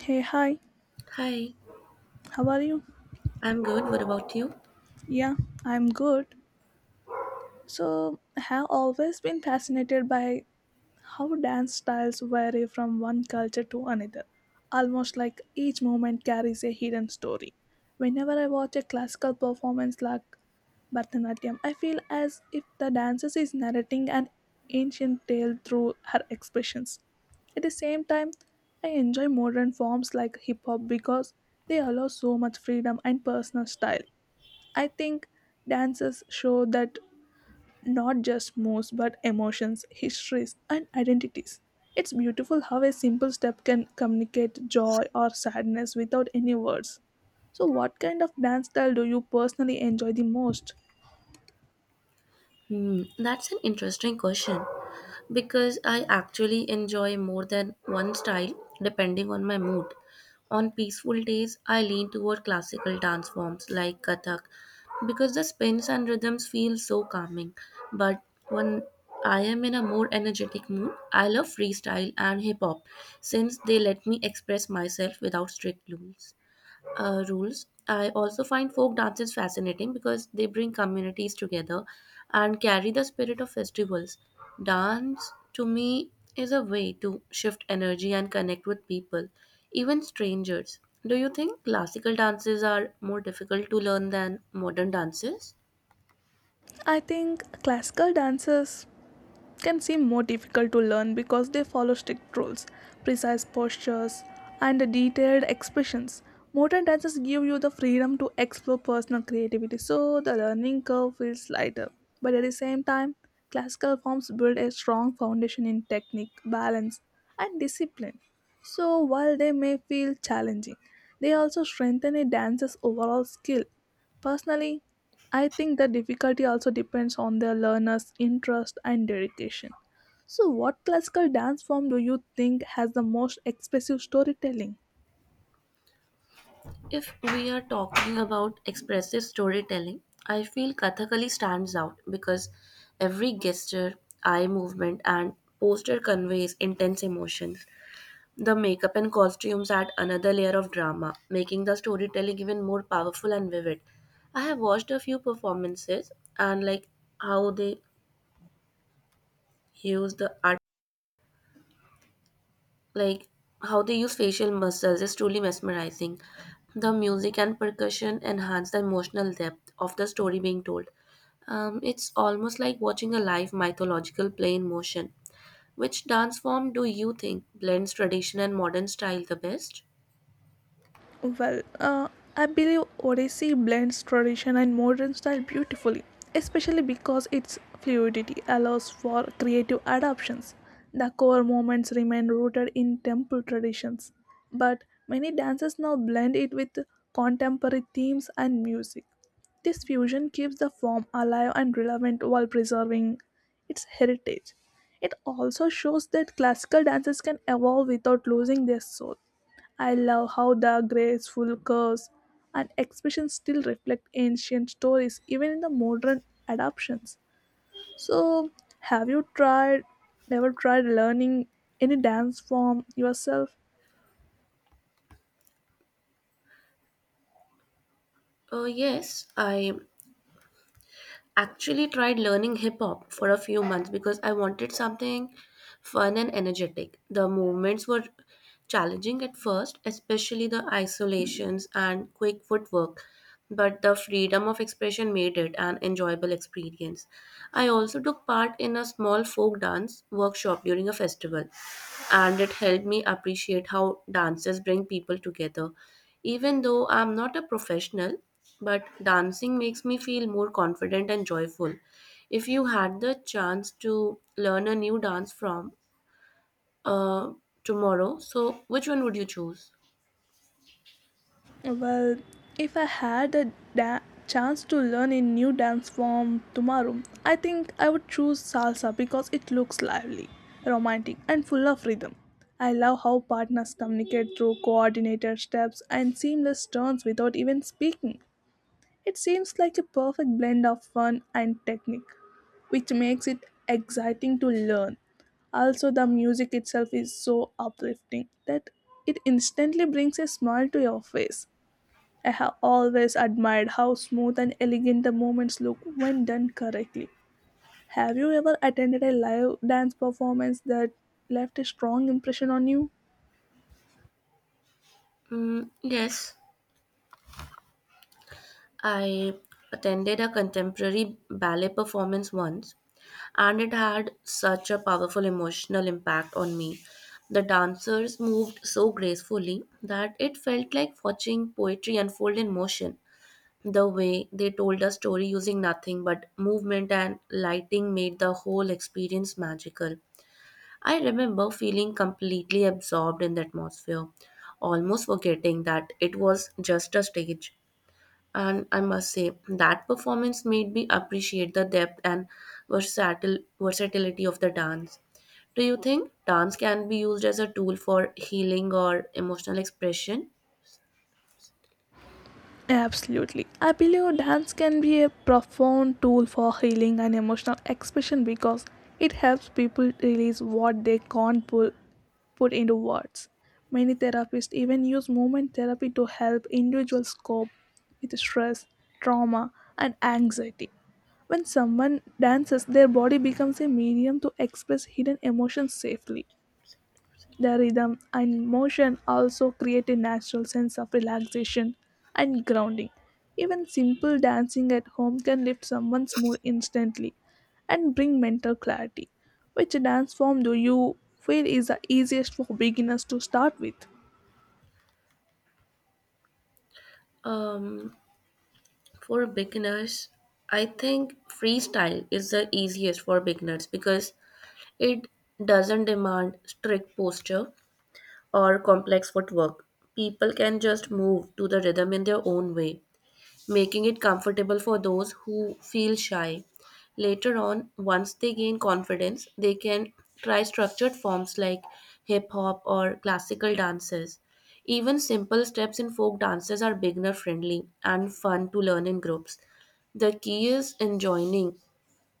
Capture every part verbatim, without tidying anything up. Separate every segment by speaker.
Speaker 1: Hey, hi,
Speaker 2: Hi,
Speaker 1: how are you?
Speaker 2: I'm good. What about you?
Speaker 1: Yeah, I'm good. So, I have always been fascinated by how dance styles vary from one culture to another, almost like each movement carries a hidden story. Whenever I watch a classical performance like Bharatanatyam, I feel as if the dancer is narrating an ancient tale through her expressions. At the same time, I enjoy modern forms like hip hop because they allow so much freedom and personal style. I think dances show that not just moves but emotions, histories, and identities. It's beautiful how a simple step can communicate joy or sadness without any words. So, what kind of dance style do you personally enjoy the most?
Speaker 2: Hmm, that's an interesting question because I actually enjoy more than one style depending on my mood. On peaceful days, I lean toward classical dance forms like Kathak because the spins and rhythms feel so calming. But when I am in a more energetic mood, I love freestyle and hip hop since they let me express myself without strict rules. uh, rules. I also find folk dances fascinating because they bring communities together and carry the spirit of festivals. Dance, to me, is a way to shift energy and connect with people, even strangers. Do you think classical dances are more difficult to learn than modern dances?
Speaker 1: I think classical dances can seem more difficult to learn because they follow strict rules, precise postures, and detailed expressions. Modern dances give you the freedom to explore personal creativity, so the learning curve feels lighter. But at the same time, classical forms build a strong foundation in technique, balance, and discipline. So while they may feel challenging, they also strengthen a dancer's overall skill. Personally, I think the difficulty also depends on the learner's interest and dedication. So, what classical dance form do you think has the most expressive storytelling?
Speaker 2: If we are talking about expressive storytelling, I feel Kathakali stands out because every gesture, eye movement, and posture conveys intense emotion. The makeup and costumes add another layer of drama, making the storytelling even more powerful and vivid. I have watched a few performances and like how they use the art, like how they use facial muscles is truly mesmerizing. The music and percussion enhance the emotional depth of the story being told. Um, it's almost like watching a live mythological play in motion. Which dance form do you think blends tradition and modern style the best?
Speaker 1: Well, uh, I believe Odissi blends tradition and modern style beautifully, especially because its fluidity allows for creative adaptations. The core moments remain rooted in temple traditions, but many dances now blend it with contemporary themes and music. This fusion keeps the form alive and relevant while preserving its heritage. It also shows that classical dances can evolve without losing their soul. I love how the graceful curves and expressions still reflect ancient stories, even in the modern adaptations. So, have you tried, ever tried learning any dance form yourself?
Speaker 2: Uh, yes, I actually tried learning hip hop for a few months because I wanted something fun and energetic. The movements were challenging at first, especially the isolations and quick footwork, but the freedom of expression made it an enjoyable experience. I also took part in a small folk dance workshop during a festival, and it helped me appreciate how dances bring people together. Even though I'm not a professional, but dancing makes me feel more confident and joyful. If you had the chance to learn a new dance from uh, tomorrow, so which one would you choose?
Speaker 1: Well, if I had a da- chance to learn a new dance form tomorrow, I think I would choose salsa because it looks lively, romantic, and full of rhythm. I love how partners communicate through coordinated steps and seamless turns without even speaking. It seems like a perfect blend of fun and technique, which makes it exciting to learn. Also, the music itself is so uplifting that it instantly brings a smile to your face. I have always admired how smooth and elegant the movements look when done correctly. Have you ever attended a live dance performance that left a strong impression on you?
Speaker 2: Mm, yes. I attended a contemporary ballet performance once, and it had such a powerful emotional impact on me. The dancers moved so gracefully that it felt like watching poetry unfold in motion. The way they told a story using nothing but movement and lighting made the whole experience magical. I remember feeling completely absorbed in the atmosphere, almost forgetting that it was just a stage. And I must say, that performance made me appreciate the depth and versatile, versatility of the dance. Do you think dance can be used as a tool for healing or emotional expression?
Speaker 1: Absolutely. I believe dance can be a profound tool for healing and emotional expression because it helps people release what they can't pu- put into words. Many therapists even use movement therapy to help individuals cope with stress, trauma, and anxiety. When someone dances, their body becomes a medium to express hidden emotions safely. The rhythm and motion also create a natural sense of relaxation and grounding. Even simple dancing at home can lift someone's mood instantly and bring mental clarity. Which dance form do you feel is the easiest for beginners to start with?
Speaker 2: Um, for beginners, I think freestyle is the easiest for beginners because it doesn't demand strict posture or complex footwork. People can just move to the rhythm in their own way, making it comfortable for those who feel shy. Later on, once they gain confidence, they can try structured forms like hip hop or classical dances. Even simple steps in folk dances are beginner friendly and fun to learn in groups. The key is enjoying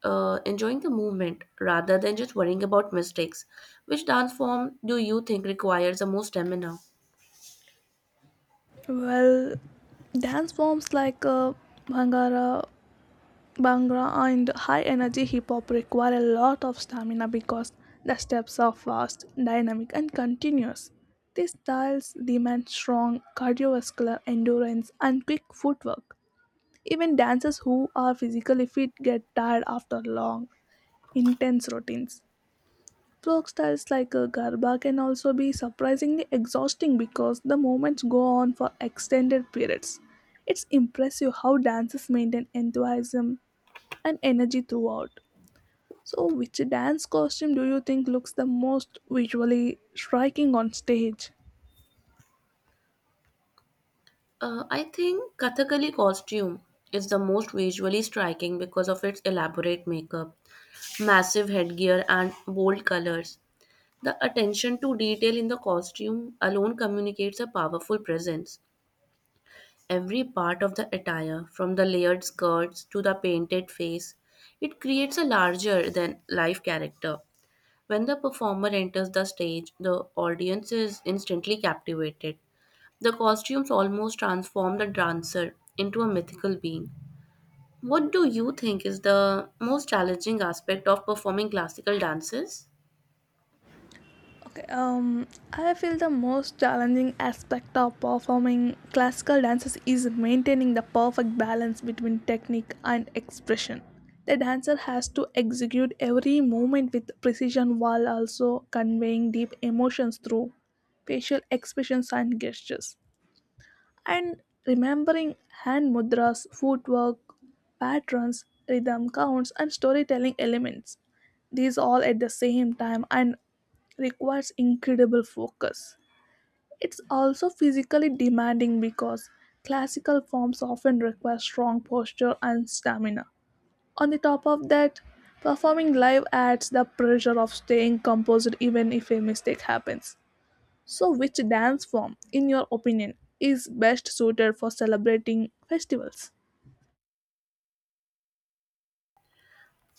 Speaker 2: uh, enjoying the movement rather than just worrying about mistakes. Which dance form do you think requires the most stamina?
Speaker 1: Well, dance forms like uh, Bhangra Bhangra and high energy hip hop require a lot of stamina because the steps are fast, dynamic, and continuous. These styles demand strong cardiovascular endurance and quick footwork. Even dancers who are physically fit get tired after long, intense routines. Folk styles like uh, Garba can also be surprisingly exhausting because the movements go on for extended periods. It's impressive how dancers maintain enthusiasm and energy throughout. So, which dance costume do you think looks the most visually striking on stage?
Speaker 2: Uh, I think Kathakali costume is the most visually striking because of its elaborate makeup, massive headgear, and bold colors. The attention to detail in the costume alone communicates a powerful presence. Every part of the attire, from the layered skirts to the painted face, it creates a larger than life character. When the performer enters the stage, the audience is instantly captivated. The costumes almost transform the dancer into a mythical being. What do you think is the most challenging aspect of performing classical dances?
Speaker 1: Okay, um, I feel the most challenging aspect of performing classical dances is maintaining the perfect balance between technique and expression. The dancer has to execute every movement with precision while also conveying deep emotions through facial expressions and gestures. And remembering hand mudras, footwork, patterns, rhythm counts, and storytelling elements. These all at the same time and requires incredible focus. It's also physically demanding because classical forms often require strong posture and stamina. On the top of that, performing live adds the pressure of staying composed even if a mistake happens. So, which dance form, in your opinion, is best suited for celebrating festivals?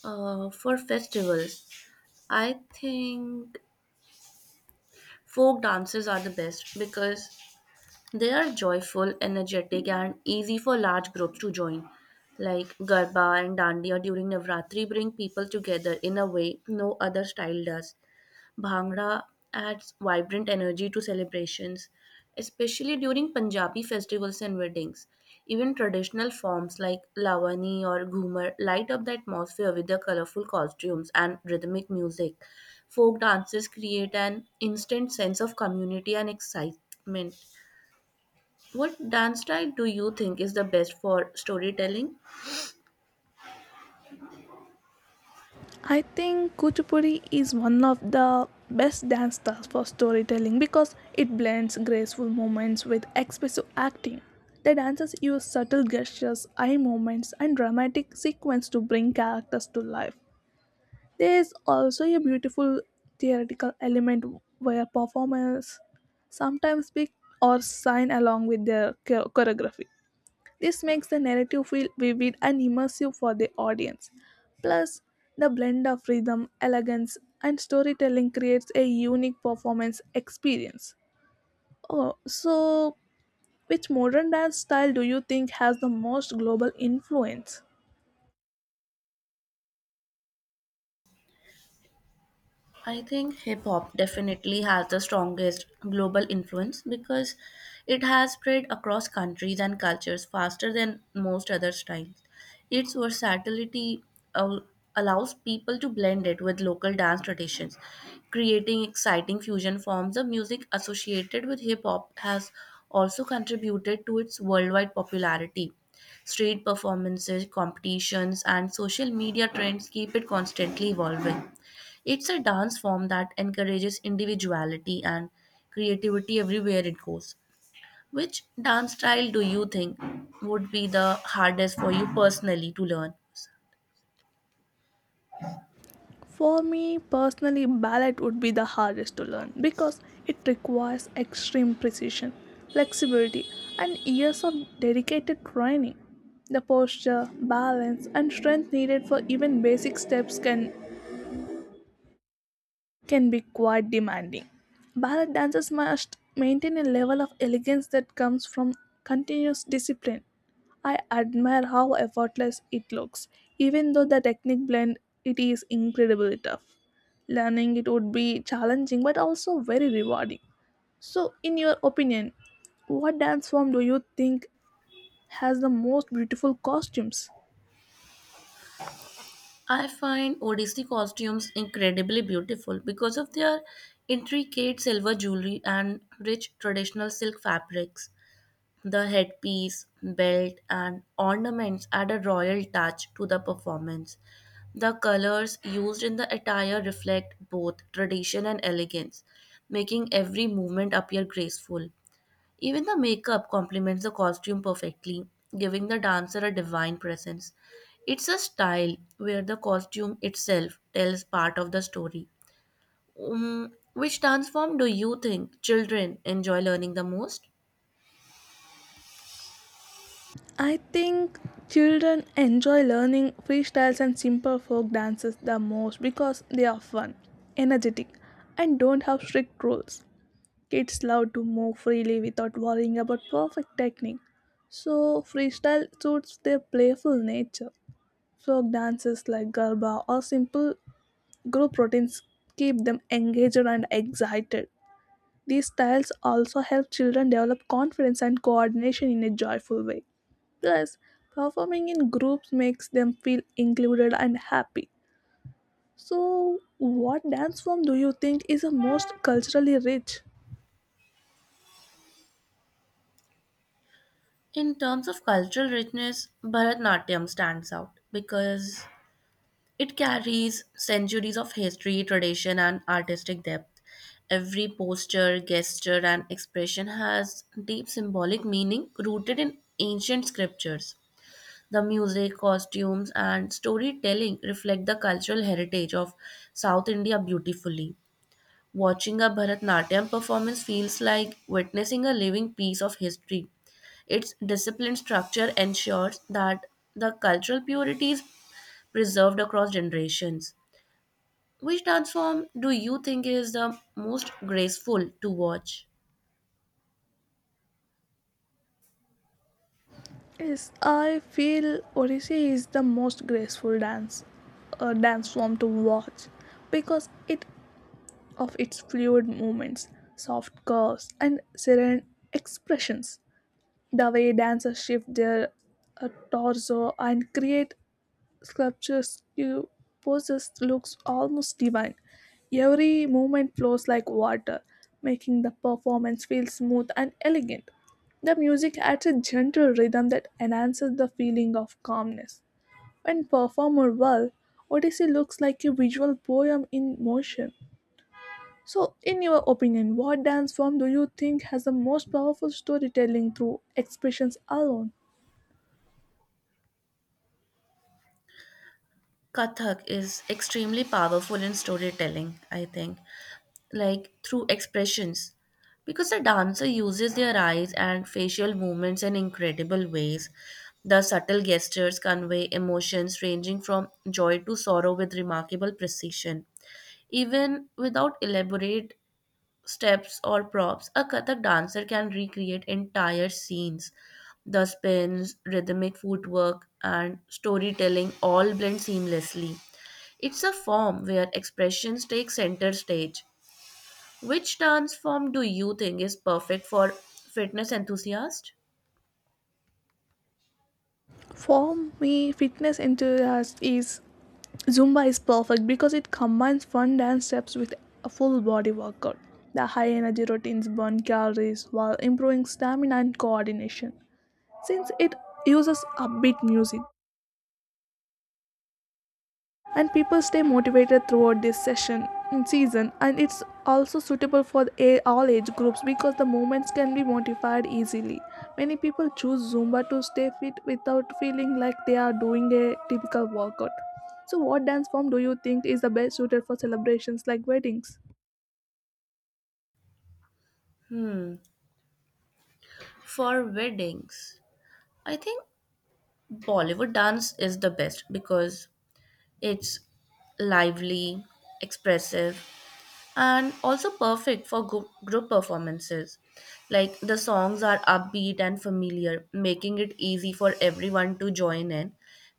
Speaker 2: Uh, for festivals, I think folk dances are the best because they are joyful, energetic, and easy for large groups to join. Like Garba and Dandiya during Navratri bring people together in a way no other style does. Bhangra adds vibrant energy to celebrations, especially during Punjabi festivals and weddings. Even traditional forms like lavani or ghumar light up the atmosphere with their colorful costumes and rhythmic music. Folk dances create an instant sense of community and excitement. What dance style do you think is the best for storytelling?
Speaker 1: I think Kuchipudi is one of the best dance styles for storytelling because it blends graceful movements with expressive acting. The dancers use subtle gestures, eye movements, and dramatic sequence to bring characters to life. There is also a beautiful theatrical element where performers sometimes speak or sign along with their chor- choreography. This makes the narrative feel vivid and immersive for the audience. Plus, the blend of rhythm, elegance, and storytelling creates a unique performance experience. Oh, so which modern dance style do you think has the most global influence?
Speaker 2: I think hip hop definitely has the strongest global influence because it has spread across countries and cultures faster than most other styles. Its versatility al- allows people to blend it with local dance traditions, creating exciting fusion forms. The music associated with hip hop has also contributed to its worldwide popularity. Street performances, competitions, and social media trends keep it constantly evolving. It's a dance form that encourages individuality and creativity everywhere it goes. Which dance style do you think would be the hardest for you personally to learn?
Speaker 1: For me personally, ballet would be the hardest to learn because it requires extreme precision, flexibility, and years of dedicated training. The posture, balance, and strength needed for even basic steps can can be quite demanding. Ballet dancers must maintain a level of elegance that comes from continuous discipline. I admire how effortless it looks, even though the technique blend it is incredibly tough. Learning it would be challenging but also very rewarding. So, in your opinion, what dance form do you think has the most beautiful costumes?
Speaker 2: I find Odissi costumes incredibly beautiful because of their intricate silver jewelry and rich traditional silk fabrics. The headpiece, belt, and ornaments add a royal touch to the performance. The colors used in the attire reflect both tradition and elegance, making every movement appear graceful. Even the makeup complements the costume perfectly, giving the dancer a divine presence. It's a style where the costume itself tells part of the story. Um, which dance form do you think children enjoy learning the most?
Speaker 1: I think children enjoy learning freestyles and simple folk dances the most because they are fun, energetic, and don't have strict rules. Kids love to move freely without worrying about perfect technique, so freestyle suits their playful nature. Folk dances like Garba or simple group routines keep them engaged and excited. These styles also help children develop confidence and coordination in a joyful way. Plus, performing in groups makes them feel included and happy. So, what dance form do you think is the most culturally rich?
Speaker 2: In terms of cultural richness, Bharatnatyam stands out because it carries centuries of history, tradition, and artistic depth. Every posture, gesture, and expression has deep symbolic meaning rooted in ancient scriptures. The music, costumes, and storytelling reflect the cultural heritage of South India beautifully. Watching a Bharatnatyam performance feels like witnessing a living piece of history. Its disciplined structure ensures that the cultural purity is preserved across generations. Which dance form do you think is the most graceful to watch?
Speaker 1: Yes, I feel Odissi is the most graceful dance, uh, dance form to watch because it of its fluid movements, soft curves, and serene expressions. The way dancers shift their uh, torso and create sculptures you poses looks almost divine. Every movement flows like water, making the performance feel smooth and elegant. The music adds a gentle rhythm that enhances the feeling of calmness. When performed well, Odyssey looks like a visual poem in motion. So, in your opinion, what dance form do you think has the most powerful storytelling through expressions alone?
Speaker 2: Kathak is extremely powerful in storytelling, I think, like through expressions, because a dancer uses their eyes and facial movements in incredible ways. The subtle gestures convey emotions ranging from joy to sorrow with remarkable precision. Even without elaborate steps or props, a kathak dancer can recreate entire scenes. The spins, rhythmic footwork, and storytelling all blend seamlessly. It's a form where expressions take center stage. Which dance form do you think is perfect for fitness enthusiasts?
Speaker 1: For me, fitness enthusiast is Zumba is perfect because it combines fun dance steps with a full body workout. The high energy routines burn calories while improving stamina and coordination. Since it uses upbeat music, and people stay motivated throughout this session in season and it's also suitable for all age groups because the movements can be modified easily, many people choose zumba to stay fit without feeling like they are doing a typical workout. So what dance form do you think is the best suited for celebrations like weddings?
Speaker 2: Hmm, for weddings, I think Bollywood dance is the best because it's lively, expressive, and also perfect for group group performances. Like the songs are upbeat and familiar, making it easy for everyone to join in.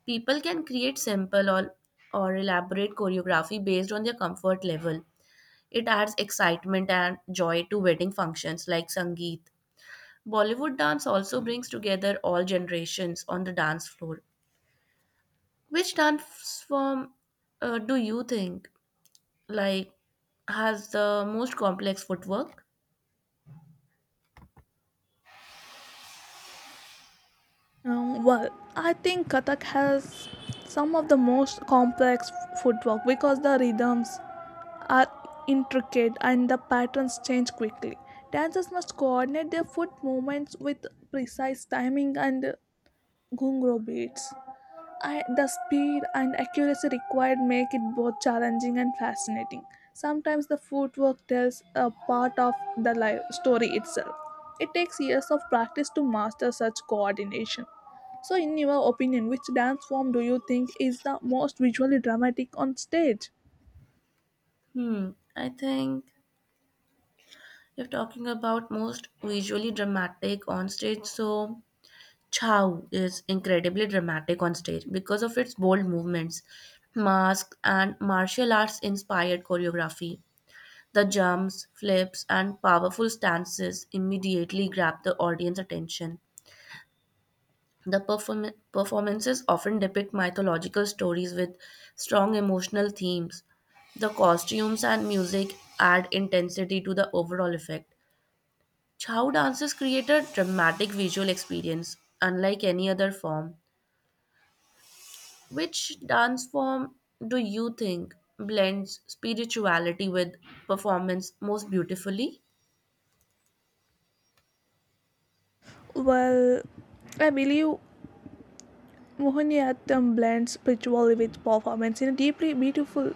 Speaker 2: People can create simple or, or elaborate choreography based on their comfort level. It adds excitement and joy to wedding functions like Sangeet. Bollywood dance also brings together all generations on the dance floor. Which dance form, uh, do you think, like, has the most complex footwork?
Speaker 1: Um, well I think kathak has some of the most complex footwork because the rhythms are intricate and the patterns change quickly. Dancers must coordinate their foot movements with precise timing and gungro beats. I, the speed and accuracy required make it both challenging and fascinating. Sometimes the footwork tells a part of the live story itself. It takes years of practice to master such coordination. So, in your opinion, which dance form do you think is the most visually dramatic on stage?
Speaker 2: Hmm, I think if talking about most visually dramatic on stage, so Chow is incredibly dramatic on stage because of its bold movements, mask, and martial arts inspired choreography. The jumps, flips, and powerful stances immediately grab the audience attention. The perform- performances often depict mythological stories with strong emotional themes. The costumes and music add intensity to the overall effect. Chow dances create a dramatic visual experience, unlike any other form. Which dance form do you think blends spirituality with performance most beautifully?
Speaker 1: Well, I believe Mohiniyattam blends ritual with performance in a deeply beautiful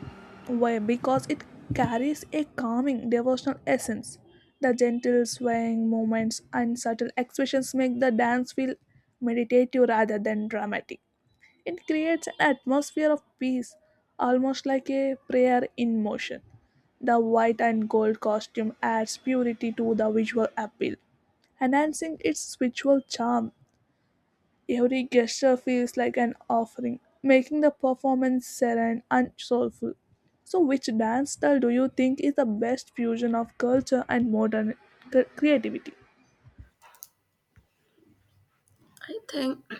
Speaker 1: way because it carries a calming devotional essence. The gentle swaying movements and subtle expressions make the dance feel meditative rather than dramatic. It creates an atmosphere of peace, almost like a prayer in motion. The white and gold costume adds purity to the visual appeal enhancing its spiritual charm. Every gesture feels like an offering, making the performance serene and soulful. So, which dance style do you think is the best fusion of culture and modern cre- creativity?
Speaker 2: I think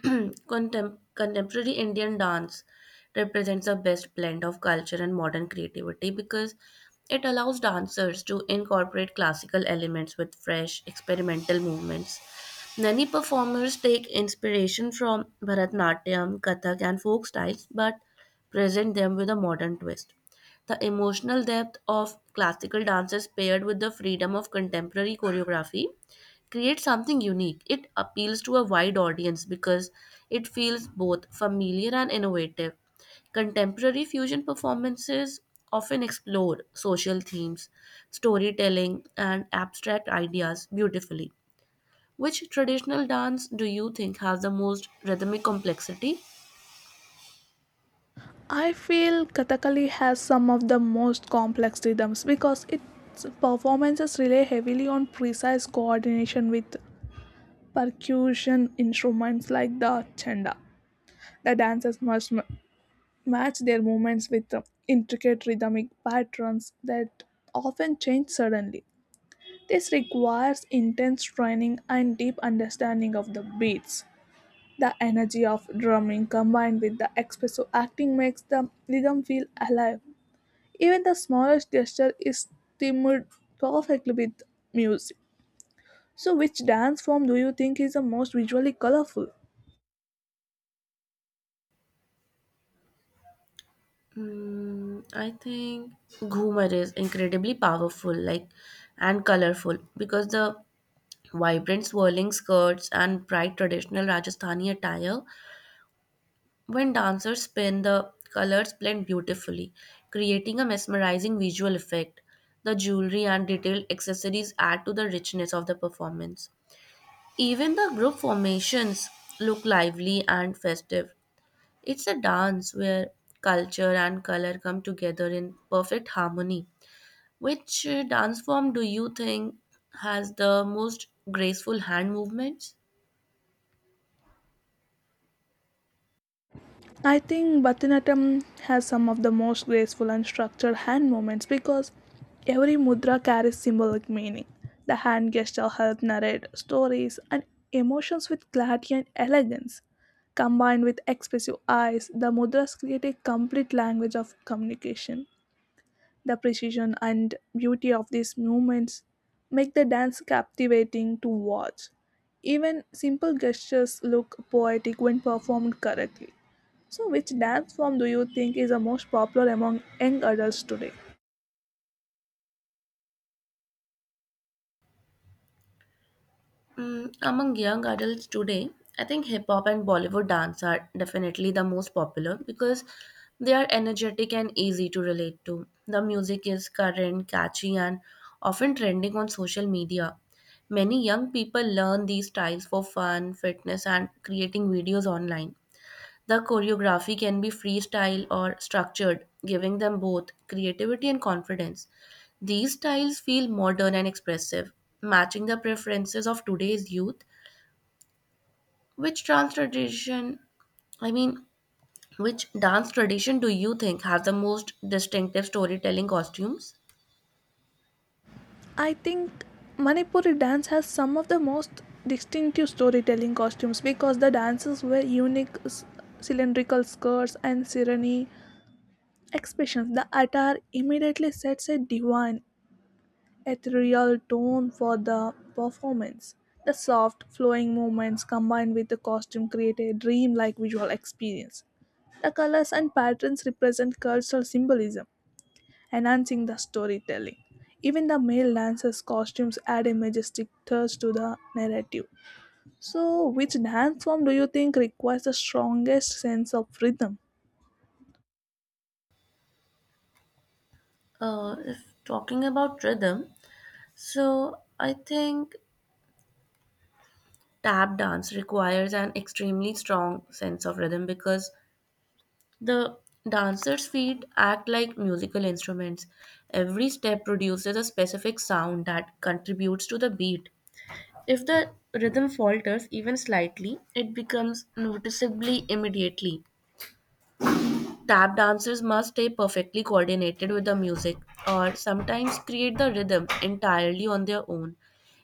Speaker 2: contem- contemporary Indian dance represents the best blend of culture and modern creativity because it allows dancers to incorporate classical elements with fresh, experimental movements. Many performers take inspiration from Bharatnatyam, Kathak, and folk styles but present them with a modern twist. The emotional depth of classical dances paired with the freedom of contemporary choreography create something unique. It appeals to a wide audience because it feels both familiar and innovative. Contemporary fusion performances often explore social themes, storytelling, and abstract ideas beautifully. Which traditional dance do you think has the most rhythmic complexity?
Speaker 1: I feel Kathakali has some of the most complex rhythms because its performances rely heavily on precise coordination with percussion instruments like the chenda. The dancers must m- match their movements with uh, intricate rhythmic patterns that often change suddenly. This requires intense training and deep understanding of the beats. The energy of drumming combined with the expressive acting makes the rhythm feel alive. Even the smallest gesture is timed perfectly with music. So, which dance form do you think is the most visually colorful?
Speaker 2: Mm, I think Ghumar is incredibly powerful, like, and colorful because the vibrant swirling skirts and bright traditional Rajasthani attire, when dancers spin, the colors blend beautifully, creating a mesmerizing visual effect. The jewelry and detailed accessories add to the richness of the performance. Even the group formations look lively and festive. It's a dance where culture and color come together in perfect harmony. Which uh, dance form do you think has the most graceful hand movements?
Speaker 1: I think Bharatanatyam has some of the most graceful and structured hand movements because every mudra carries symbolic meaning. The hand gesture help narrate stories and emotions with clarity and elegance. Combined with expressive eyes, the mudras create a complete language of communication. The precision and beauty of these movements make the dance captivating to watch. Even simple gestures look poetic when performed correctly. So, which dance form do you think is the most popular among young adults today?
Speaker 2: Mm, among young adults today, I think hip hop and Bollywood dance are definitely the most popular because they are energetic and easy to relate to. The music is current, catchy, and often trending on social media. Many young people learn these styles for fun, fitness, and creating videos online. The choreography can be freestyle or structured, giving them both creativity and confidence. These styles feel modern and expressive, matching the preferences of today's youth. Which dance tradition, I mean, which dance tradition do you think has the most distinctive storytelling costumes?
Speaker 1: I think Manipuri dance has some of the most distinctive storytelling costumes because the dances wear unique s- cylindrical skirts and serene expressions. The attire immediately sets a divine ethereal tone for the performance. The soft, flowing movements combined with the costume create a dreamlike visual experience. The colors and patterns represent cultural symbolism, enhancing the storytelling. Even the male dancers' costumes add a majestic touch to the narrative. So, which dance form do you think requires the strongest sense of rhythm?
Speaker 2: Uh, if talking about rhythm, so I think tap dance requires an extremely strong sense of rhythm because the dancers' feet act like musical instruments. Every step produces a specific sound that contributes to the beat. If the rhythm falters even slightly, it becomes noticeably immediately. Tap dancers must stay perfectly coordinated with the music or sometimes create the rhythm entirely on their own.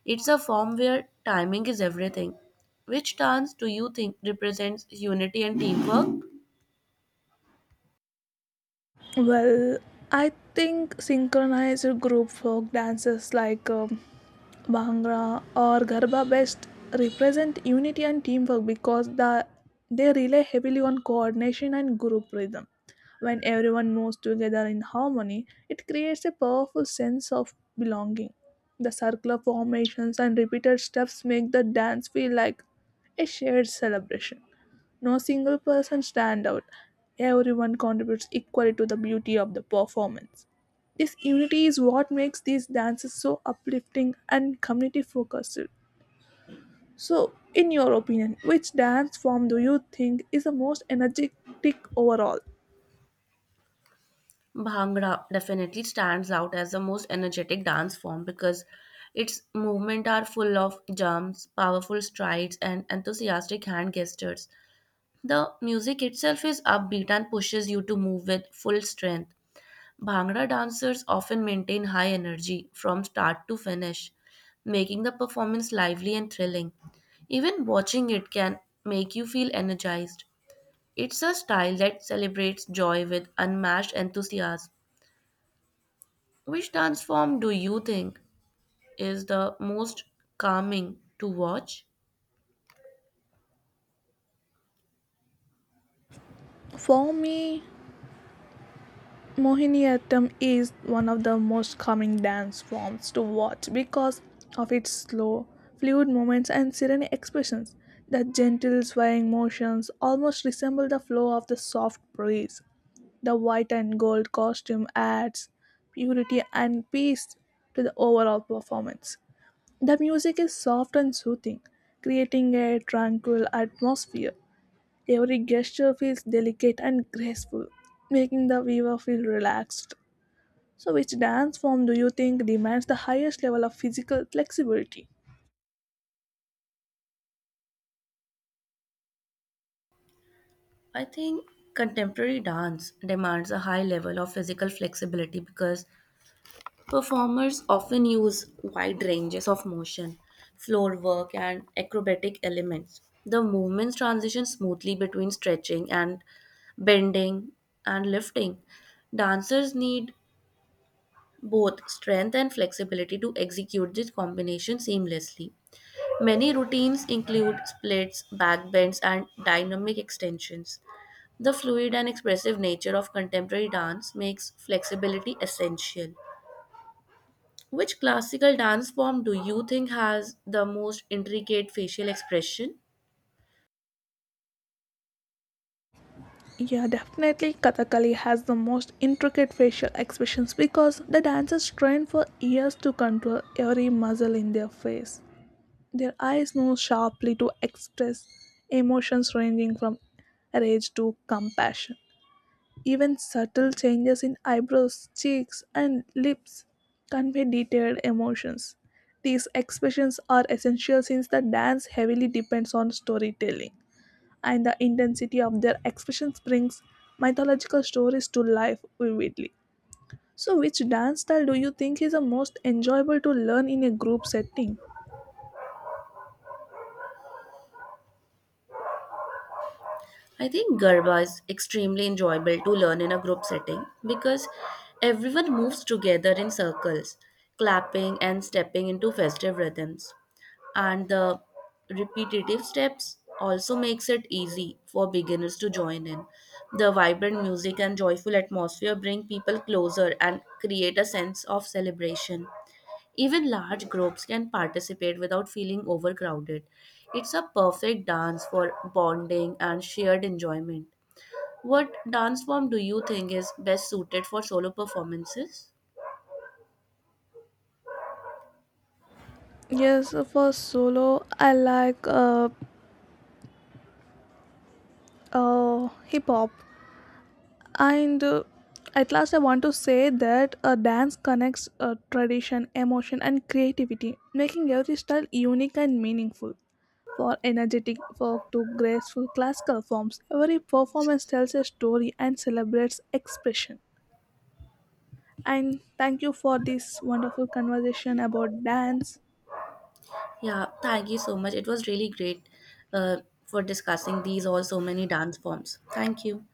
Speaker 2: It's a form where timing is everything. Which dance do you think represents unity and teamwork?
Speaker 1: Well, I think synchronized group folk dances like um, Bhangra or Garba best represent unity and teamwork because the, they rely heavily on coordination and group rhythm. When everyone moves together in harmony, it creates a powerful sense of belonging. The circular formations and repeated steps make the dance feel like a shared celebration, no single person stand out. Everyone contributes equally to the beauty of the performance. This unity is what makes these dances so uplifting and community focused. So, in your opinion, which dance form do you think is the most energetic overall?
Speaker 2: Bhangra definitely stands out as the most energetic dance form because its movements are full of jumps, powerful strides, and enthusiastic hand gestures. The music itself is upbeat and pushes you to move with full strength. Bhangra dancers often maintain high energy from start to finish, making the performance lively and thrilling. Even watching it can make you feel energized. It's a style that celebrates joy with unmatched enthusiasm. Which dance form do you think is the most calming to watch?
Speaker 1: For me, Mohiniyattam is one of the most calming dance forms to watch because of its slow, fluid movements and serene expressions. The gentle swaying motions almost resemble the flow of the soft breeze. The white and gold costume adds purity and peace to the overall performance. The music is soft and soothing, creating a tranquil atmosphere. Every gesture feels delicate and graceful, making the viewer feel relaxed. So, which dance form do you think demands the highest level of physical flexibility?
Speaker 2: I think contemporary dance demands a high level of physical flexibility because performers often use wide ranges of motion, floor work, and acrobatic elements. The movements transition smoothly between stretching and bending and lifting. Dancers need both strength and flexibility to execute this combination seamlessly. Many routines include splits, backbends, and dynamic extensions. The fluid and expressive nature of contemporary dance makes flexibility essential. Which classical dance form do you think has the most intricate facial expression?
Speaker 1: Yeah, definitely Kathakali has the most intricate facial expressions because the dancers train for years to control every muscle in their face. Their eyes move sharply to express emotions ranging from rage to compassion. Even subtle changes in eyebrows, cheeks, and lips convey detailed emotions. These expressions are essential since the dance heavily depends on storytelling, and the intensity of their expressions brings mythological stories to life vividly. So, which dance style do you think is the most enjoyable to learn in a group setting?
Speaker 2: I think Garba is extremely enjoyable to learn in a group setting because everyone moves together in circles, clapping and stepping into festive rhythms, and the repetitive steps also makes it easy for beginners to join in. The vibrant music and joyful atmosphere bring people closer and create a sense of celebration. Even large groups can participate without feeling overcrowded. It's a perfect dance for bonding and shared enjoyment. What dance form do you think is best suited for solo performances?
Speaker 1: Yes, for solo, I like uh, uh, hip hop and uh, at last I want to say that a dance connects uh, tradition emotion and creativity, making every style unique and meaningful. For energetic folk to graceful classical forms, every performance tells a story and celebrates expression. And thank you for this wonderful conversation about dance.
Speaker 2: Yeah, thank you so much. It was really great uh, for discussing these all so many dance forms. Thank you.